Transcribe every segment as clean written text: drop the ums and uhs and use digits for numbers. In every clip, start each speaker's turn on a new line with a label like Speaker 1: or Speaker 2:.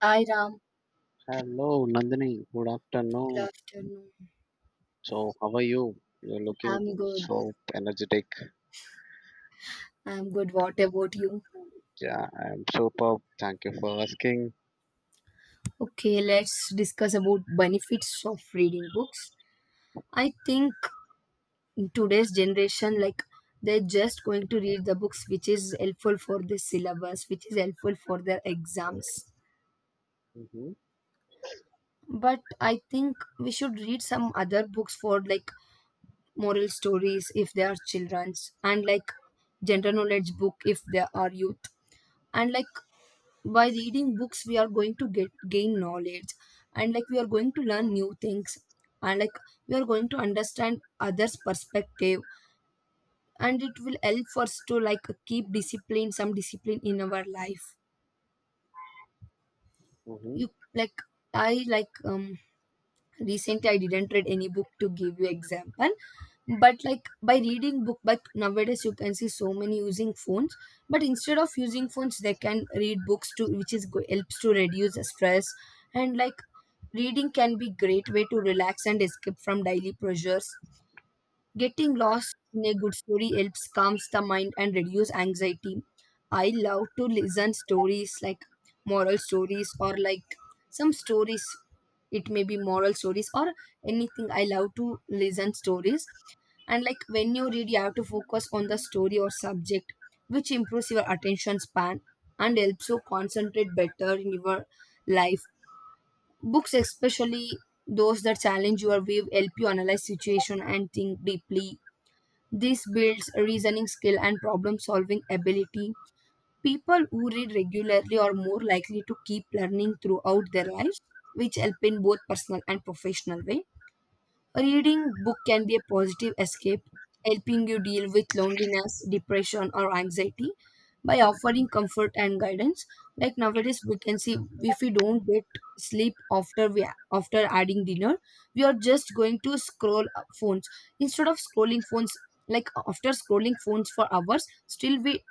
Speaker 1: Hi Ram,
Speaker 2: Hello, Nandini. Good
Speaker 1: good
Speaker 2: afternoon.
Speaker 1: afternoon.
Speaker 2: So, how are you? You're looking
Speaker 1: I'm good.
Speaker 2: so energetic.
Speaker 1: What about you?
Speaker 2: Yeah, I'm superb. Thank you for asking.
Speaker 1: Okay, let's discuss about benefits of reading books. I think in today's generation, like they're just going to read the books which is helpful for the syllabus, which is helpful for their exams.
Speaker 2: Mm-hmm,
Speaker 1: But I think we should read some other books for like moral stories if they are children's, and like general knowledge book if they are youth, and like by reading books we are going to get gain knowledge, and like we are going to learn new things, and like we are going to understand others perspective, and it will help us to like keep discipline some discipline in our life.
Speaker 2: mm-hmm.
Speaker 1: You like I like recently I didn't read any book to give you example, but like by reading book, but nowadays you can see so many using phones, but instead of using phones they can read books to which is helps to reduce the stress. And like reading can be great way to relax and escape from daily pressures. Getting lost in a good story helps calms the mind and reduce anxiety. I love to listen stories like moral stories or like some stories. It may be moral stories or anything. I love to listen stories. And like when you read, you have to focus on the story or subject, which improves your attention span and helps you concentrate better in your life. Books, especially those that challenge your view, help you analyze situation and think deeply, this builds reasoning skill and problem solving ability. People who read regularly are more likely to keep learning throughout their lives, which help in both personal and professional way. Reading book can be a positive escape, helping you deal with loneliness, depression, or anxiety by offering comfort and guidance. Like nowadays, we can see if we don't get sleep after we after adding dinner, we are just going to scroll phones instead of scrolling phones. Like after scrolling phones for hours, still we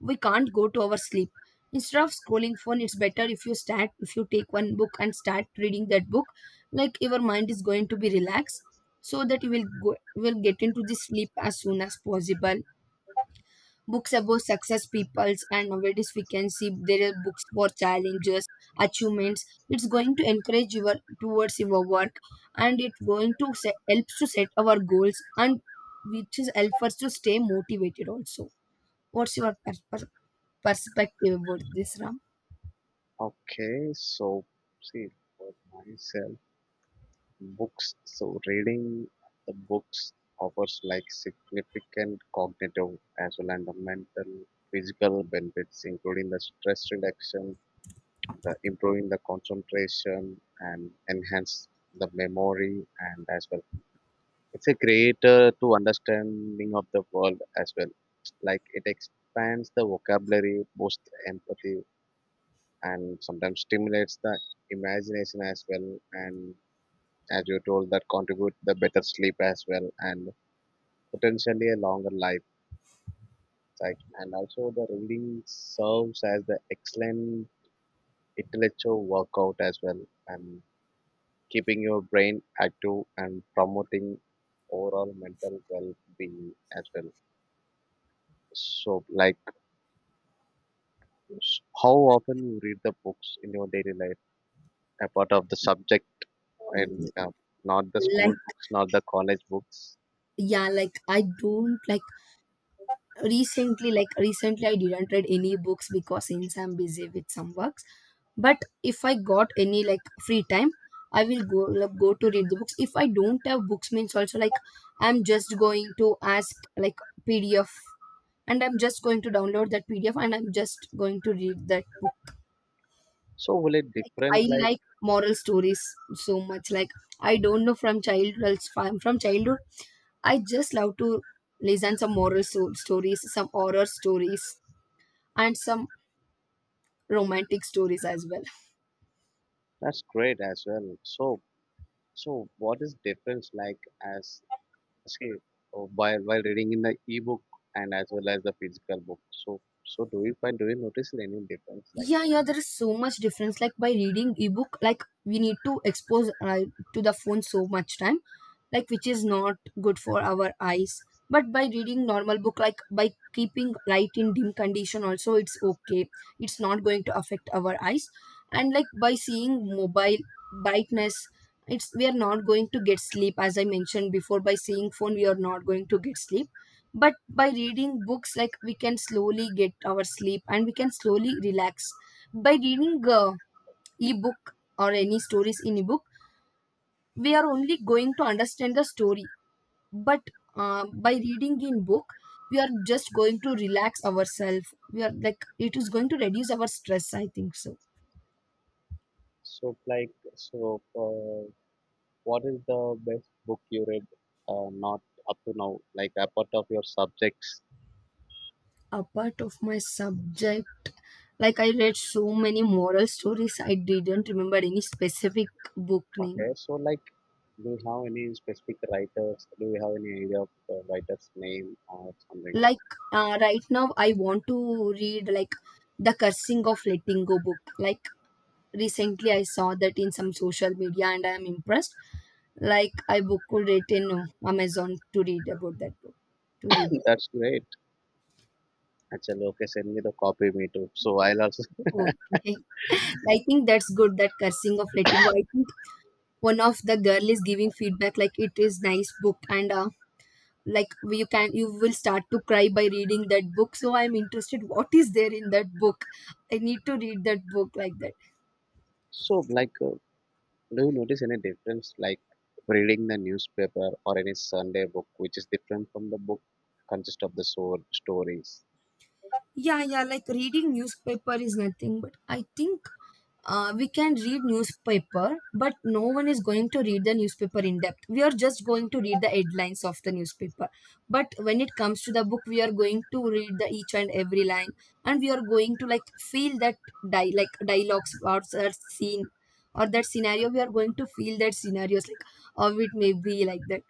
Speaker 1: we can't go to our sleep. Instead of scrolling phone, it's better if you start, if you take one book and start reading that book, like your mind is going to be relaxed so that you will get into the sleep as soon as possible. Books about success peoples, and nowadays we can see there are books for challenges, achievements, it's going to encourage your towards your work, and it going to helps to set our goals, and which is helps us to stay motivated also. What's your perspective about this, Ram?
Speaker 2: Okay, so see, for myself, books. So, reading the books offers like significant cognitive as well and the mental, physical benefits, including the stress reduction, the improving the concentration, and enhance the memory, and as well it's a great to understanding of the world as well. Like it expands the vocabulary, boosts empathy, and sometimes stimulates the imagination as well. And as you told, that contribute the better sleep as well, and potentially a longer life. Right? And also the reading serves as the excellent intellectual workout as well, and keeping your brain active and promoting overall mental well-being as well. So like, how often you read the books in your daily life, apart of the subject and
Speaker 1: Mm,
Speaker 2: not the school
Speaker 1: like
Speaker 2: books, not the college books?
Speaker 1: yeah like I don't like, recently I didn't read any books because since I'm busy with some works. But if I got any like free time, I will go to read the books. If I don't have books means, also like I'm just going to ask like PDF, and I'm just going to download that PDF, and I'm just going to read that book.
Speaker 2: So will it
Speaker 1: Like I
Speaker 2: different? Like,
Speaker 1: like moral stories so much. Like I don't know, from childhood I just love to listen some moral stories, some horror stories, and some romantic stories as well.
Speaker 2: that's great as well. So, so what is difference like, as say, oh, while reading in the e-book and as well as the physical book? So, so do you find, do you notice any difference like
Speaker 1: Yeah,
Speaker 2: that?
Speaker 1: yeah, there is so much difference. Like by reading ebook, like we need to expose to the phone so much time, like which is not good for our eyes. But by reading normal book, like by keeping light in dim condition also it's okay, it's not going to affect our eyes. And like by seeing mobile brightness, it's we are not going to get sleep. As I mentioned before, by seeing phone we are not going to get sleep. But by reading books, like we can slowly get our sleep and we can slowly relax. By reading ebook or any stories in ebook, we are only going to understand the story. But by reading in book, we are just going to relax ourselves. We are like it is going to reduce our stress, I think so.
Speaker 2: So like, so what is the best book you read, not up to now, like apart of your subjects?
Speaker 1: Apart of my subject, like I read so many moral stories, I didn't remember any specific book name.
Speaker 2: Okay, so like, do you have any specific writers? Do you have any idea of the writer's name or something?
Speaker 1: Like right now I want to read like the cursing of letting go book. Like recently I saw that in some social media and I am impressed. Like I booked it in Amazon to read about that book, to read that.
Speaker 2: That's great. Actually, okay, send me the copy, me too. So I'll also.
Speaker 1: Okay. I think that's good, that cursing of letting go, I think one of the girl is giving feedback like it is nice book, and like you can, you will start to cry by reading that book, so I'm interested what is there in that book. I need to read that book like that.
Speaker 2: So like, do you notice any difference, like reading the newspaper or any Sunday book, which is different from the book consist of the so stories?
Speaker 1: Yeah, yeah, like reading newspaper is nothing, but I think we can read newspaper, but no one is going to read the newspaper in depth. We are just going to read the headlines of the newspaper. But when it comes to the book, we are going to read the each and every line, and we are going to like feel that like dialogues or that scene or that scenario. We are going to feel that scenarios like of it may be like that.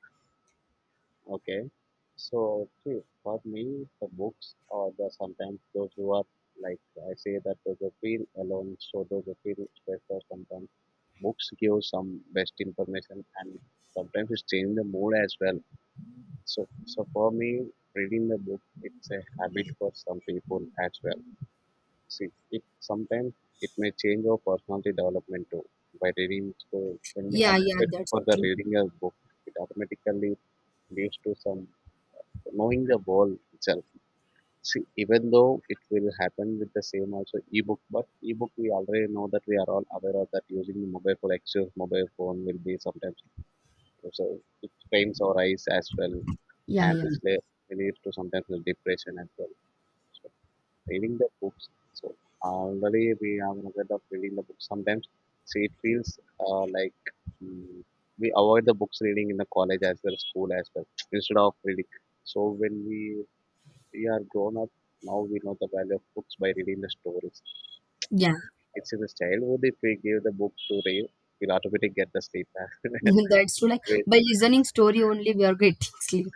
Speaker 2: Okay, so see, for me, the books or the sometimes those who are like, I say that those who feel alone, so those who feel special sometimes. Books give some best information and sometimes it changes the mood as well. So, so for me, reading the book, it's a habit for some people as well. See, it sometimes it may change our personality development too by reading. So when we have
Speaker 1: Yeah, yeah,
Speaker 2: it
Speaker 1: that's
Speaker 2: for the
Speaker 1: true.
Speaker 2: reading a book, it automatically leads to some knowing the world itself. See, even though it will happen with the same also ebook, but ebook we already know that we are all aware of that using the mobile phone, excess mobile phone will be sometimes. So, so it pains our eyes as well,
Speaker 1: Yeah,
Speaker 2: and
Speaker 1: yeah,
Speaker 2: which leads to sometimes the depression as well. So reading the books, so already we are aware of reading the books. Sometimes, see, it feels like, mm, we avoid the books reading in the college as well, school as well, instead of reading. So when we are grown up, now we know the value of books by reading the stories.
Speaker 1: yeah.
Speaker 2: It's in the childhood if we give the book to read, we'll automatically get the sleep.
Speaker 1: That's true. Like
Speaker 2: Great.
Speaker 1: by listening story only, we are getting sleep.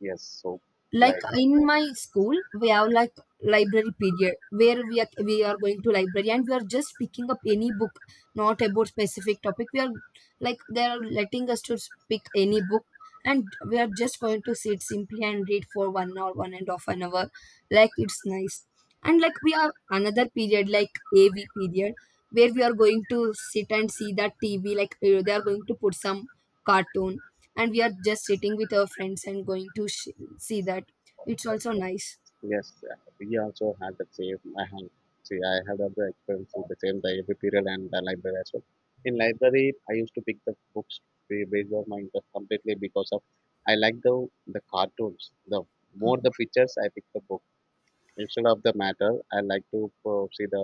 Speaker 2: Yes. So
Speaker 1: Like
Speaker 2: like.
Speaker 1: in my school we have like library period where we are going to library and we are just picking up any book, not about specific topic. We are like they are letting us to pick any book, and we are just going to sit simply and read for one or one and half an hour. Like it's nice. And like we have another period like AV period where we are going to sit and see that TV, like they are going to put some cartoon, and we are just sitting with our friends and going to see that. It's also nice.
Speaker 2: Yes, we also had the same. I had, see, I had other experience with the same library period and the library as well. In library, I used to pick the books based on my interest completely because of I like the cartoons. The
Speaker 1: Uh,
Speaker 2: more the pictures, I pick the book instead of the matter. I like to see the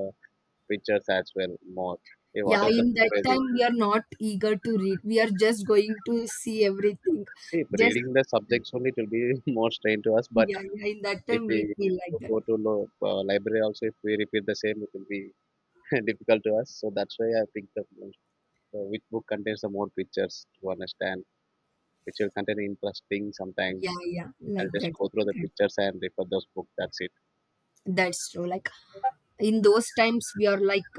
Speaker 2: pictures as well more. Eh,
Speaker 1: Yeah,
Speaker 2: whatever the
Speaker 1: in
Speaker 2: book
Speaker 1: that
Speaker 2: may be.
Speaker 1: time we are not eager to read. We are just going to see everything.
Speaker 2: See, if
Speaker 1: Just
Speaker 2: reading the subjects only, it will be more strain to us. But
Speaker 1: yeah, yeah. In that
Speaker 2: if
Speaker 1: time we
Speaker 2: we
Speaker 1: feel like that.
Speaker 2: go to library also, if we repeat the same, it will be difficult to us. So that's why I picked the book. So which book contains the more pictures to understand, which will contain interesting
Speaker 1: Yeah,
Speaker 2: sometimes.
Speaker 1: yeah, like
Speaker 2: I'll just
Speaker 1: that.
Speaker 2: go through the
Speaker 1: that-
Speaker 2: pictures and refer those books. That's it.
Speaker 1: That's true. Like in those times we are like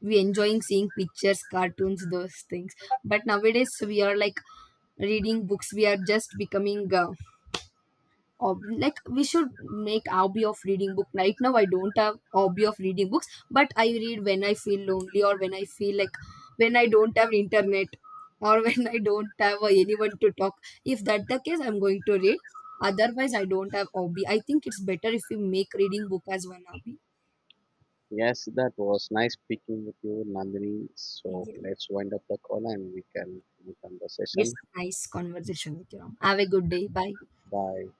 Speaker 1: we enjoying seeing pictures, cartoons, those things. But nowadays we are like reading books. We are just becoming like we should make hobby of reading book. Right now I don't have hobby of reading books, but I read when I feel lonely or when I feel like when I don't have internet, or when I don't have anyone to talk. If that the case, I'm going to read. Otherwise I don't have hobby. I think it's better if we make reading book as one hobby.
Speaker 2: Yes, that was nice speaking with you, Nandini. So
Speaker 1: Yeah.
Speaker 2: let's wind up the call and we can end the session.
Speaker 1: It's nice conversation with you, Ram. Have a good day, bye.
Speaker 2: Bye.